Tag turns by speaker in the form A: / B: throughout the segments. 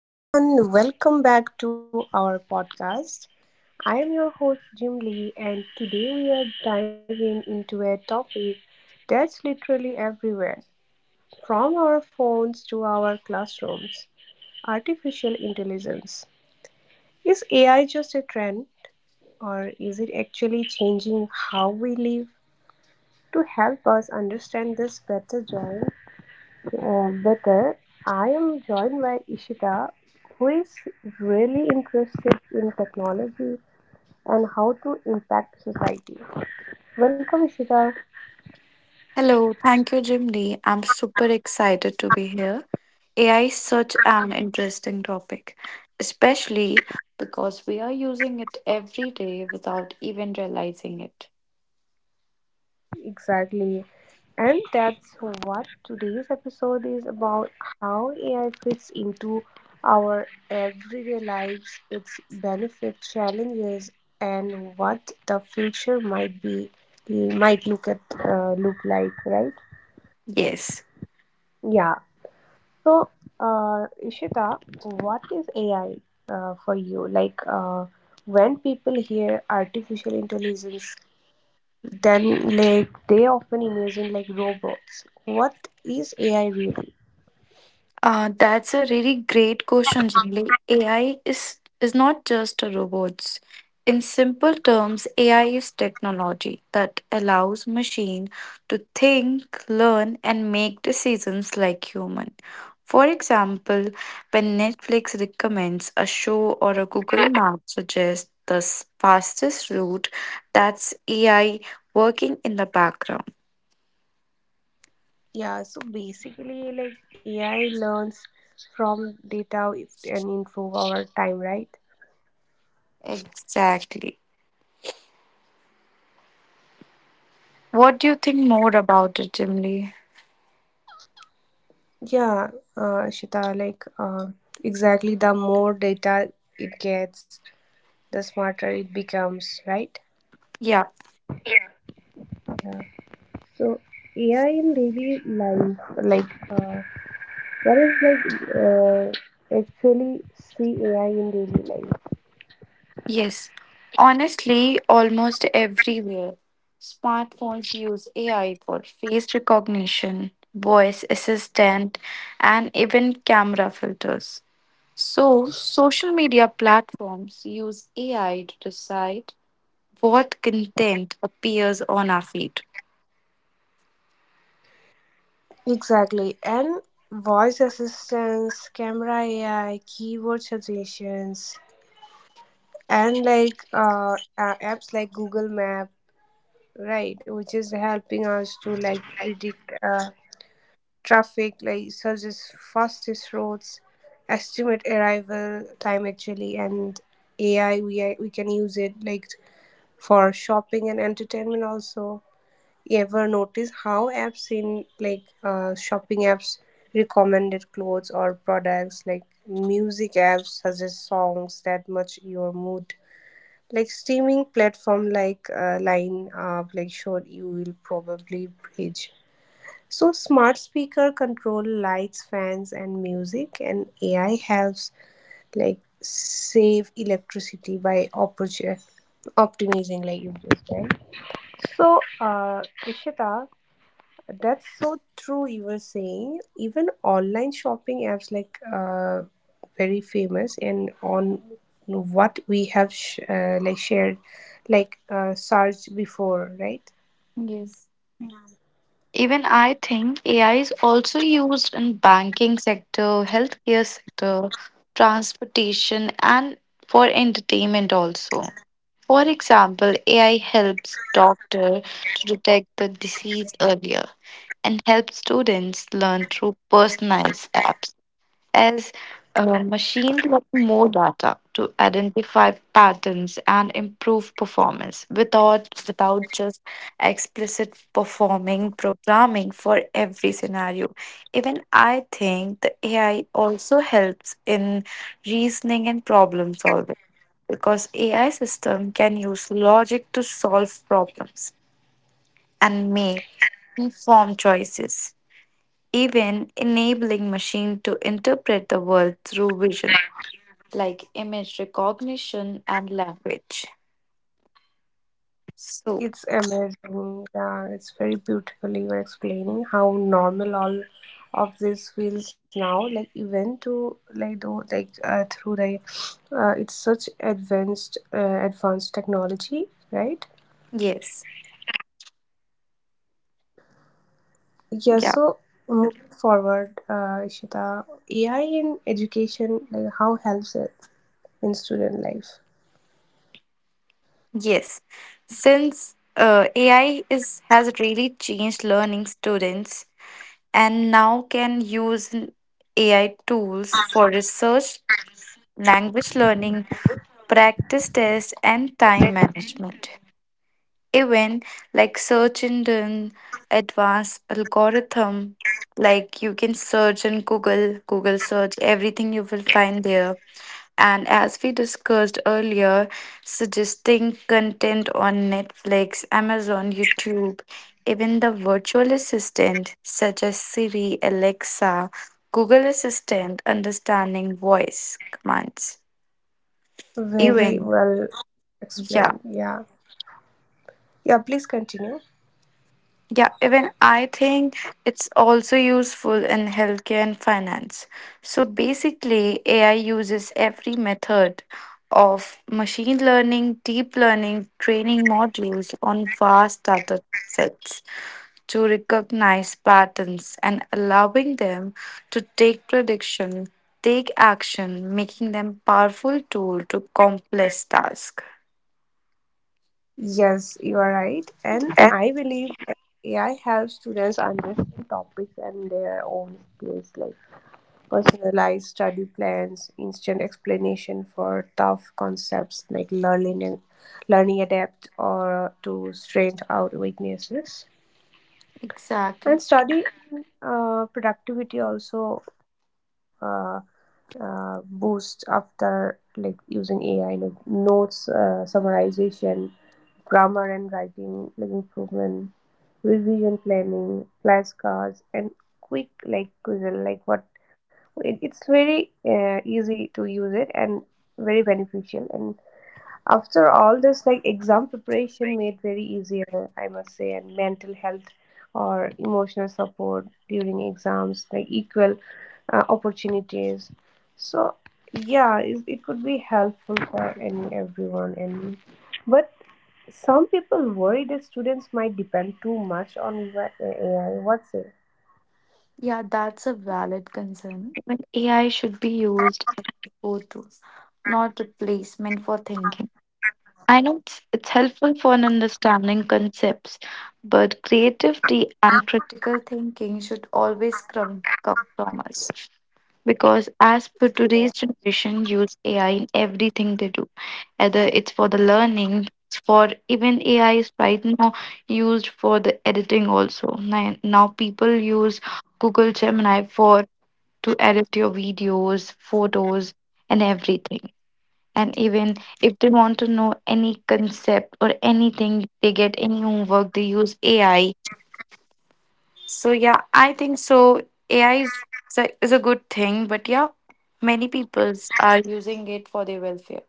A: Hello, everyone. Welcome back to our podcast. I am your host, Jim Lee, and today we are diving into a topic that's literally everywhere, from our phones to our classrooms, artificial intelligence. Is AI just a trend, or is it actually changing how we live? To help us understand this better, join better. I am joined by Ishita, who is really interested in technology and how to impact society. Welcome, Ishita.
B: Hello, thank you, Jim Lee. I'm super excited to be here. AI is such an interesting topic, especially because we are using it every day without even realizing it.
A: Exactly. And that's what today's episode is about, how AI fits into our everyday lives, its benefits, challenges, and what the future might be might look like, right?
B: Yes.
A: Yeah. So, Ishita, what is AI for you? When people hear artificial intelligence, then like they often imagine like robots. What is AI really?
B: That's a really great question, Jimli. AI is not just a robots. In simple terms, AI is technology that allows machine to think, learn, and make decisions like human. For example, when Netflix recommends a show or a Google Map suggests the fastest route, that's AI working in the background.
A: Yeah, so basically, like AI learns from data and improve our time, right?
B: Exactly. What do you think more about it, Jimli?
A: Yeah, Ishita, exactly, the more data it gets, the smarter it becomes, right?
B: Yeah.
A: Yeah. So AI in daily life, what is actually see AI in daily life?
B: Yes, honestly, almost everywhere. Smartphones use AI for face recognition, voice assistant, and even camera filters. So, social media platforms use AI to decide what content appears on our feed.
A: Exactly. And voice assistants, camera AI, keyboard suggestions, and apps like Google Map, right, which is helping us to like predict traffic, like suggest fastest routes, estimate arrival time actually. And AI, we can use it like for shopping and entertainment also. You ever notice how apps in shopping apps recommended clothes or products, like music apps suggest songs that match your mood, like streaming platform line up like sure you will probably bridge. So smart speaker control lights, fans, and music, and AI helps like save electricity by optimizing, like you just said. So, Ishita, that's so true. You were saying even online shopping apps very famous, and on what we have shared, like searched before, right?
B: Yes. Even I think AI is also used in banking sector, healthcare sector, transportation and for entertainment also. For example, AI helps doctor to detect the disease earlier and helps students learn through personalized apps as machines get more data to identify patterns and improve performance without just explicit performing programming for every scenario. Even I think the AI also helps in reasoning and problem solving, because AI system can use logic to solve problems and make informed choices, even enabling machine to interpret the world through vision like image recognition and language. So
A: It's amazing. Yeah, it's very beautiful. You were explaining how normal all of this feels now. Like even to like though like through the it's such advanced technology, right?
B: yes.
A: Yeah.
B: Yeah.
A: So moving forward, Ishita, AI in education, like how helps it in student life?
B: Yes, since AI is has really changed learning students, and now can use AI tools for research, language learning, practice tests, and time management. Even like search engine advanced algorithm, like you can search in Google, Google search, everything you will find there. And as we discussed earlier, suggesting content on Netflix, Amazon, YouTube, even the virtual assistant such as Siri, Alexa, Google Assistant, understanding voice commands.
A: Very
B: Even.
A: well
B: Right. Yeah.
A: explained. Yeah. Yeah, please continue.
B: Yeah, even I think it's also useful in healthcare and finance. So basically, AI uses every method of machine learning, deep learning, training modules on vast data sets to recognize patterns and allowing them to take prediction, take action, making them powerful tool to complex tasks.
A: Yes, you are right. And I believe that AI helps students understand topics and their own skills, like personalized study plans, instant explanation for tough concepts, like learning and learning adapt or to strength out weaknesses. And
B: Exactly.
A: study productivity also uh, boost after like using AI, like notes summarization, grammar and writing like improvement, revision planning, flashcards, and quick like quizzle like what. It's very easy to use it and very beneficial. And after all this, like exam preparation made very easier, I must say, and mental health or emotional support during exams, like equal opportunities. So yeah, it could be helpful for any everyone. And but some people worry that students might depend too much on AI. What's it?
B: Yeah, that's a valid concern. Even AI should be used go to, not replacement for thinking. I know it's helpful for an understanding concepts, but creativity and critical thinking should always come from us. Because as per today's generation, use AI in everything they do, whether it's for the learning, it's for even AI is right now used for the editing also. Now people use Google Gemini for to edit your videos, photos, and everything. And even if they want to know any concept or anything, they get any homework, they use AI. So yeah, I think so. AI is a good thing, but yeah, many peoples are using it for their welfare.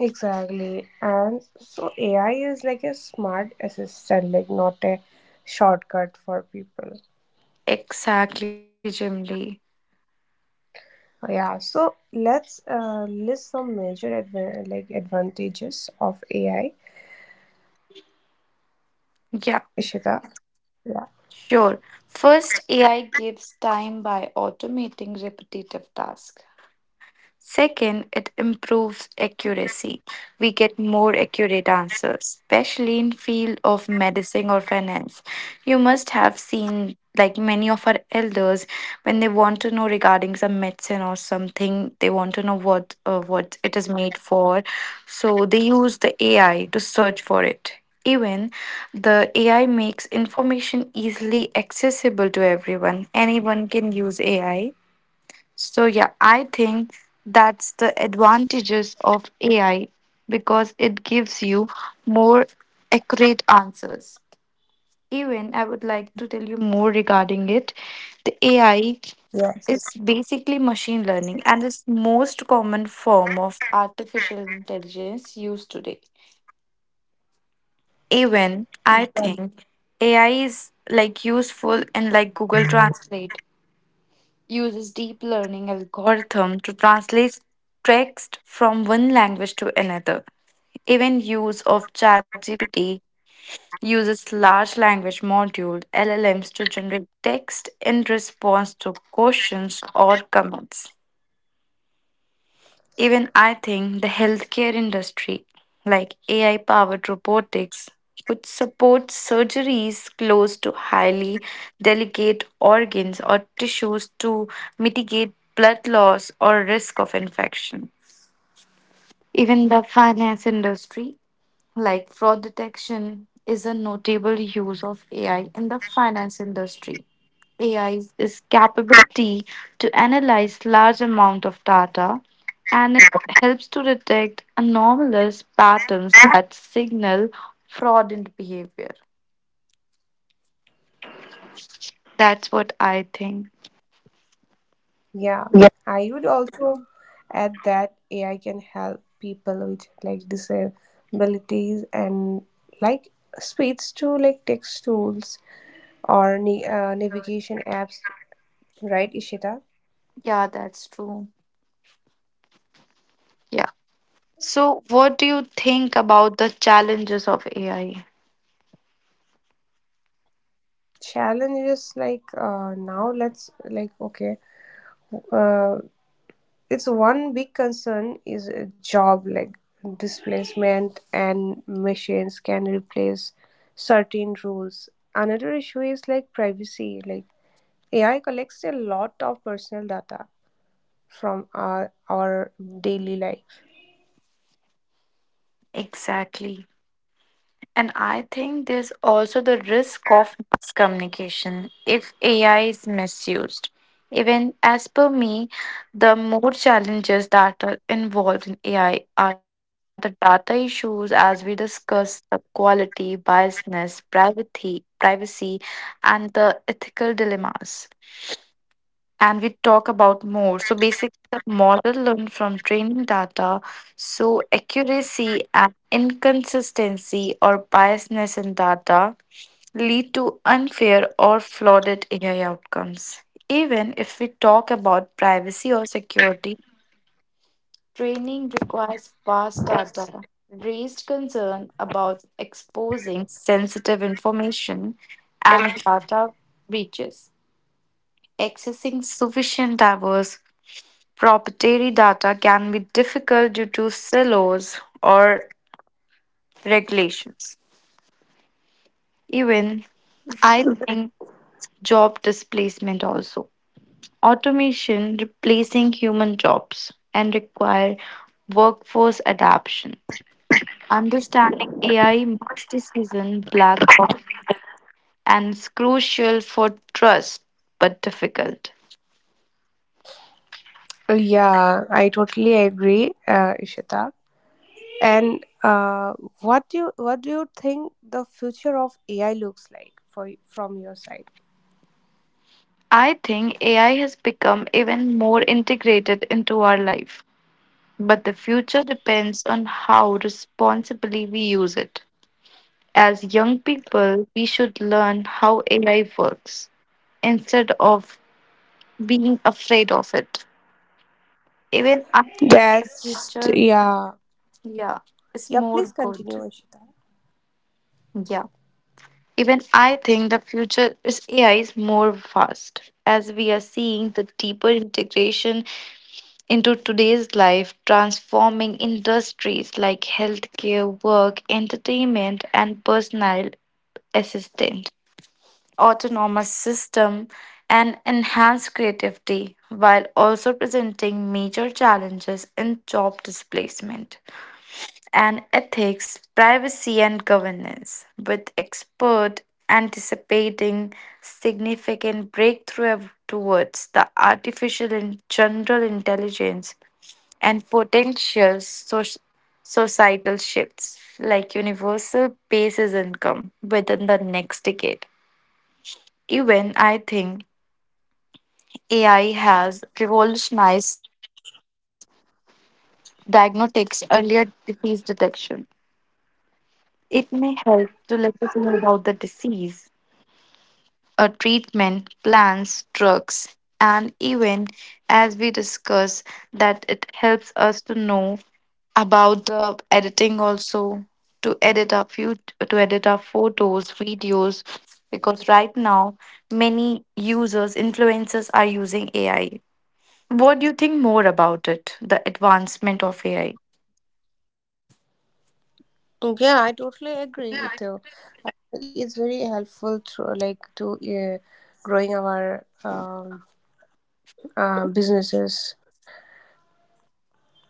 A: Exactly. And so AI is like a smart assistant, like not a shortcut for people.
B: Exactly, Jimly.
A: Yeah, so let's list some major adva- like advantages of AI,
B: Yeah,
A: Ishita. Yeah,
B: sure. First, AI gives time by automating repetitive tasks. Second, it improves accuracy. We get more accurate answers, especially in field of medicine or finance. You must have seen like many of our elders when they want to know regarding some medicine or something, they want to know what it is made for. So they use the AI to search for it. Even the AI makes information easily accessible to everyone. Anyone can use AI. So yeah, I think that's the advantages of AI, because it gives you more accurate answers. Even I would like to tell you more regarding it. The AI
A: yes.
B: is basically machine learning and is most common form of artificial intelligence used today. Even I
A: But,
B: think AI is like useful in like Google Translate uses deep learning algorithm to translate text from one language to another. Even use of ChatGPT uses large language module LLMs to generate text in response to questions or comments. Even I think the healthcare industry, like AI powered robotics, could support surgeries close to highly delicate organs or tissues to mitigate blood loss or risk of infection. Even the finance industry like fraud detection is a notable use of AI in the finance industry. AI is capability to analyze large amount of data, and it helps to detect anomalous patterns that signal fraudulent behavior. That's what I think.
A: yeah, I would also add that AI can help people with like disabilities and like speech to like text tools or ni navigation apps, right, Ishita?
B: Yeah, that's true. Yeah. So what do you think about the challenges of AI?
A: Challenge is now let's like okay uh. Its one big concern is a job like displacement, and machines can replace certain roles. Another issue is like privacy. Like AI collects a lot of personal data from our daily life.
B: Exactly. And I think there's also the risk of miscommunication if AI is misused. Even as per me, the more challenges that are involved in AI are the data issues, as we discussed, the quality, biasness, privacy, and the ethical dilemmas, and we talk about more. So basically, the model learned from training data. So accuracy and inconsistency or biasness in data lead to unfair or flawed AI outcomes. Even if we talk about privacy or security, training requires vast
A: Uh,
B: data. Raised concern about exposing sensitive information and data breaches, accessing sufficient diverse proprietary data can be difficult due to silos or regulations. Even I think job displacement also. Automation replacing human jobs and require workforce adaptation. Understanding AI makes decision black box and is crucial for trust but difficult.
A: Yeah, I totally agree, Ishita. And what do what do you think the future of AI looks like for from your side?
B: I think AI has become even more integrated into our life, but the future depends on how responsibly we use it. As young people, we should learn how AI works instead of being afraid of it. Even after the
A: That's
B: future,
A: yeah.
B: yeah, is
A: Yeah,
B: more
A: please continue,
B: good.
A: Ishita.
B: Yeah. Even I think the future is AI is more fast. As we are seeing the deeper integration into today's life, transforming industries like healthcare, work, entertainment, and personal assistance, autonomous system, and enhanced creativity, while also presenting major challenges in job displacement and ethics, privacy, and governance, with expert anticipating significant breakthrough towards the artificial and general intelligence and potential societal shifts like universal basis income within the next decade. Even I think AI has revolutionized diagnostics, earlier disease detection. It may help to let us know about the disease, a treatment, plans, drugs, and even as we discuss that it helps us to know about the editing also, to edit our few to edit our photos videos, because right now many users influencers are using AI. What do you think more about it, the advancement of AI?
A: Yeah, I totally agree with you. It's very helpful through like to growing our businesses.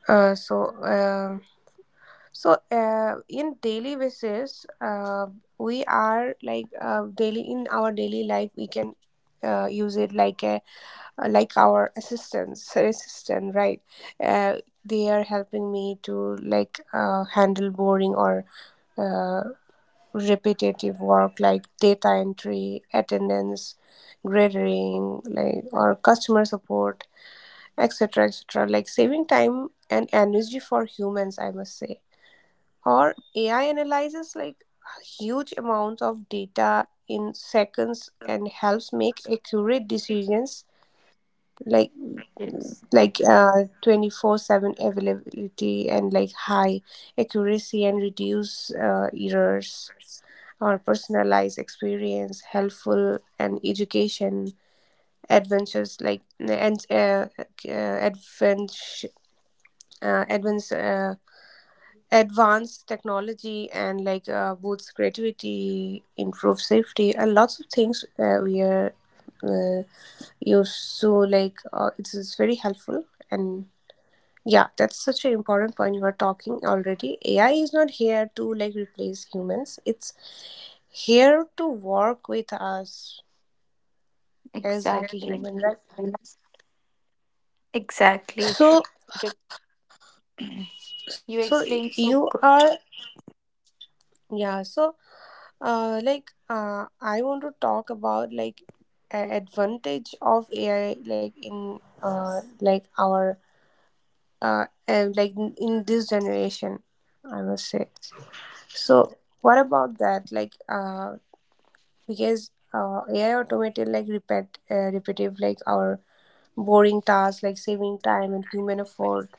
A: Uh, so uh, in daily basis, we are like daily in our daily life we can use it like a like our assistants assistant right. Uh, they are helping me to like handle boring or uh, repetitive work like data entry, attendance, grading, like or customer support, etc., etc., like saving time and energy for humans, I must say. Or AI analyzes like huge amounts of data in seconds and helps make accurate decisions like
B: Yes.
A: like 24/7 availability and like high accuracy and reduce errors or personalized experience, helpful and education, adventures like and adventure, advanced advanced technology, and boosts creativity, improve safety, and lots of things we are uh, used. So like it's very helpful. And yeah, that's such an important point you are talking already. AI is not here to like replace humans. It's here to work with us as like a
B: Exactly.
A: human, right?
B: Exactly.
A: So
B: You
A: so
B: explained
A: you
B: so good.
A: are yeah, so I want to talk about like advantage of AI like in like our and like in this generation, I must say. So what about that? Because AI automated like repetitive like our boring tasks, like saving time and human effort.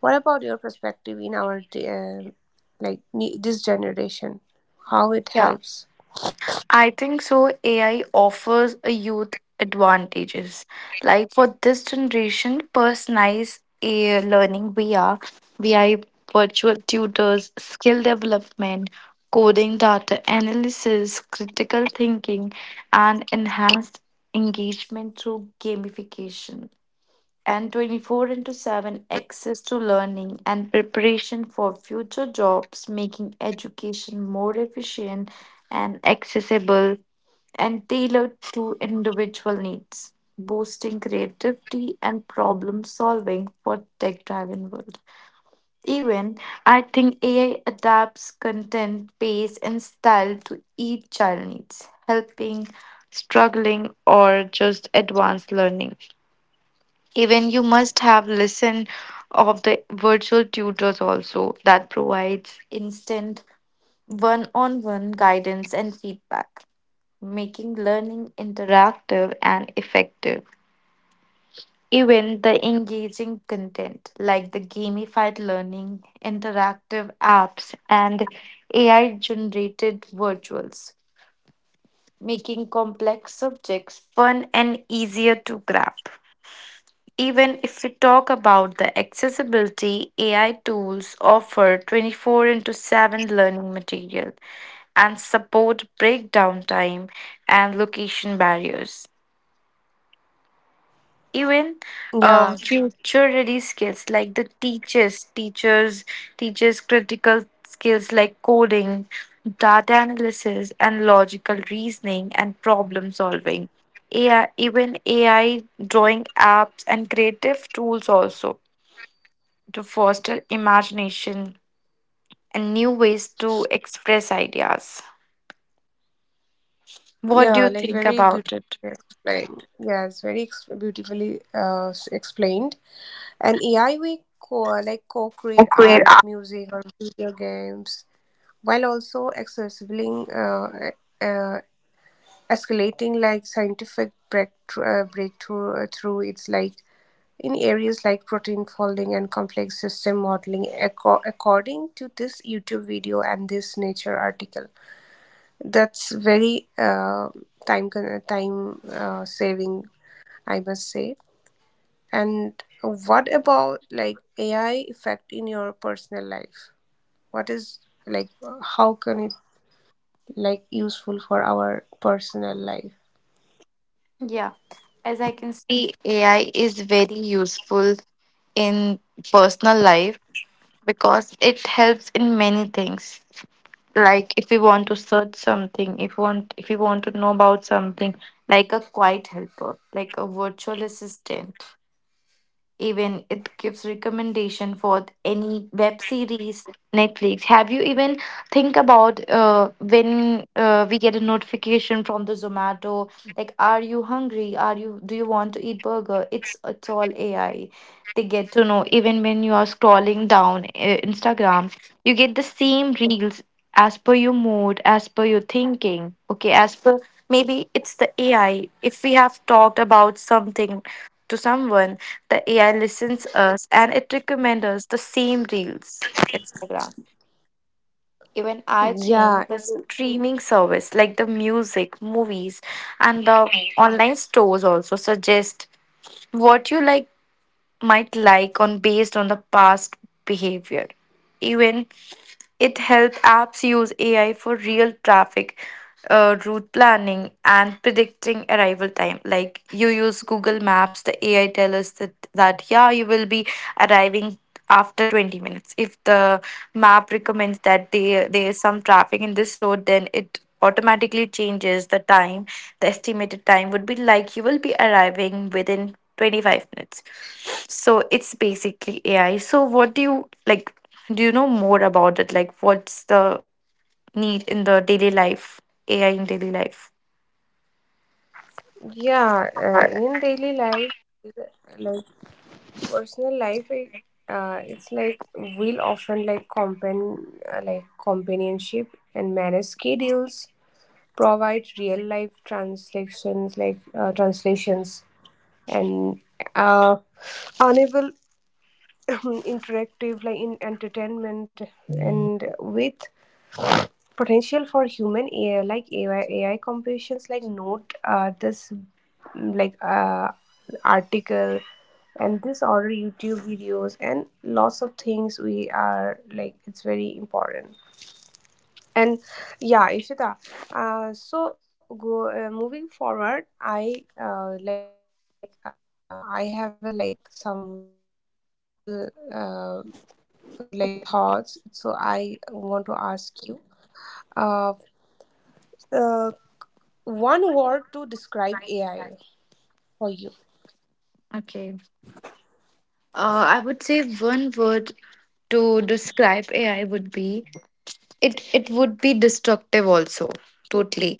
A: What about your perspective in our this generation? How it
B: Yeah,
A: helps?
B: I think so. AI offers a youth advantages. Like for this generation, personalized AI learning via VI virtual tutors, skill development, coding data analysis, critical thinking, and enhanced engagement through gamification. And 24 into 7 access to learning and preparation for future jobs, making education more efficient and accessible and tailored to individual needs, boosting creativity and problem solving for tech driven world. Even I think AI adapts content, pace and style to each child needs, helping, struggling or just advanced learning. Even you must have listen of the virtual tutors also that provides instant one-on-one guidance and feedback, making learning interactive and effective. Even the engaging content like the gamified learning, interactive apps, and AI generated virtuals, making complex subjects fun and easier to grasp. Even if we talk about the accessibility, AI tools offer 24 into 7 learning material and support breakdown time and location barriers. Even
A: Yeah,
B: future ready skills like the teachers critical skills like coding, data analysis and logical reasoning and problem solving AI. Even ai drawing apps and creative tools also, to foster imagination and new ways to express ideas. What do
A: yeah,
B: you
A: like
B: think
A: very beautifully
B: about it?
A: explained. Yes, very ex beautifully explained. And AI we co like co-create
B: Create.
A: art, music, or video games, while also accessibling uh, escalating like scientific breakthrough through it's like in areas like protein folding and complex system modeling, acco- according to this YouTube video and this Nature article. That's very time con- time saving, I must say. And what about like AI effect in your personal life? What is like how can it like useful for our personal life?
B: Yeah, as I can see, AI is very useful in personal life because it helps in many things. Like if we want to search something, if we want to know about something, like a quiet helper, like a virtual assistant. Even it gives recommendation for any web series Netflix. Have you even think about when we get a notification from the Zomato, like are you hungry, are you, do you want to eat burger. It's all AI. They get to know even when you are scrolling down Instagram, you get the same reels, as per your mood, as per your thinking, okay, as per maybe it's the AI. If we have talked about something to someone, the AI listens us and it recommends us the same reels, Instagram. Even I
A: Yeah,
B: think the streaming service like the music, movies, and the online stores also suggest what you like, might like on based on the past behavior. Even it helps apps use AI for real traffic, route planning, and predicting arrival time. Like you use Google Maps, the AI tell us that yeah you will be arriving after 20 minutes. If the map recommends that there is some traffic in this road, then it automatically changes the time. The estimated time would be like you will be arriving within 25 minutes. So it's basically AI. So, what do you like? Do you know more about it? Like, what's the need in the daily life? AI in daily life?
A: yeah, in daily life, like personal life, it's like we'll often like companionship and manage schedules, provide real life translations translations, and uh, unable interactive like in entertainment, and with potential for human AI, AI computations, like note this, mm, like uh, article, and this order YouTube videos, and lots of things. We are like it's very important. And yeah, Ishita. So go moving forward. I have a, like some final like thoughts. So I want to ask you. Uh, uh, one word to describe AI for you.
B: Okay. I would say one word to describe AI would be, it would be destructive also, totally.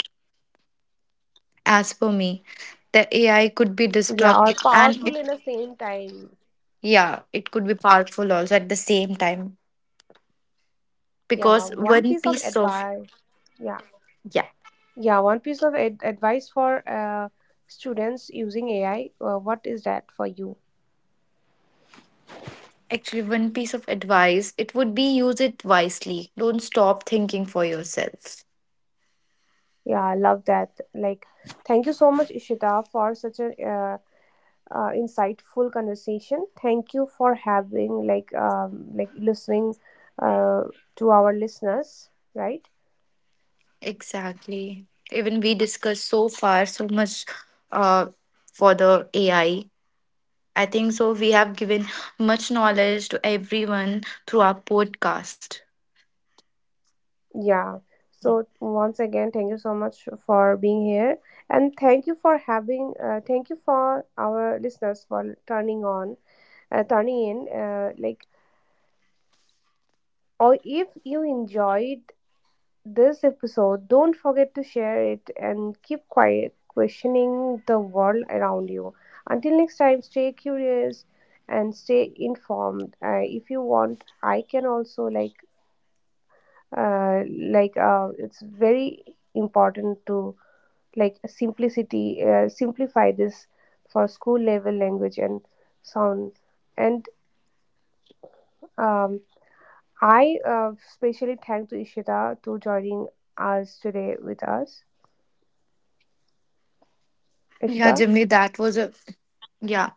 B: As for me, the AI could be
A: Yeah, or
B: destructive and
A: powerful
B: it,
A: in the same time.
B: yeah, it could be powerful also at the same time.
A: Yeah,
B: Because
A: one
B: one
A: piece of
B: piece of
A: advice. Yeah,
B: Yeah,
A: yeah, one piece of advice for students using AI. What is that for you?
B: actually one piece of advice, it would be use it wisely. Don't stop thinking for yourself.
A: Yeah, I love that. Like, thank you so much, Ishita, for such a insightful conversation. Thank you for having like listening uh, to our listeners. Right.
B: Exactly. Even we discussed so far so much uh, for the AI. I think so. We have given much knowledge to everyone through our podcast.
A: Yeah. So once again, thank you so much for being here, and thank you for having. Thank you for our listeners for turning on, turning in. Or if you enjoyed this episode, don't forget to share it and keep quiet, questioning the world around you. Until next time, stay curious and stay informed. If you want, I can also uh, it's very important to like simplicity simplify this for school level language and sound and um, I specially thank to Ishita to joining us today with us,
B: Yeah,
A: Ishita.
B: Jimmy, that was a yeah.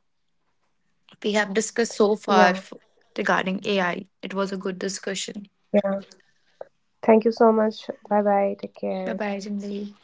B: We have discussed so far
A: Yeah,
B: regarding AI. It was a good discussion.
A: yeah, thank you so much. Bye bye, take
B: Bye
A: care.
B: bye, Jimmy.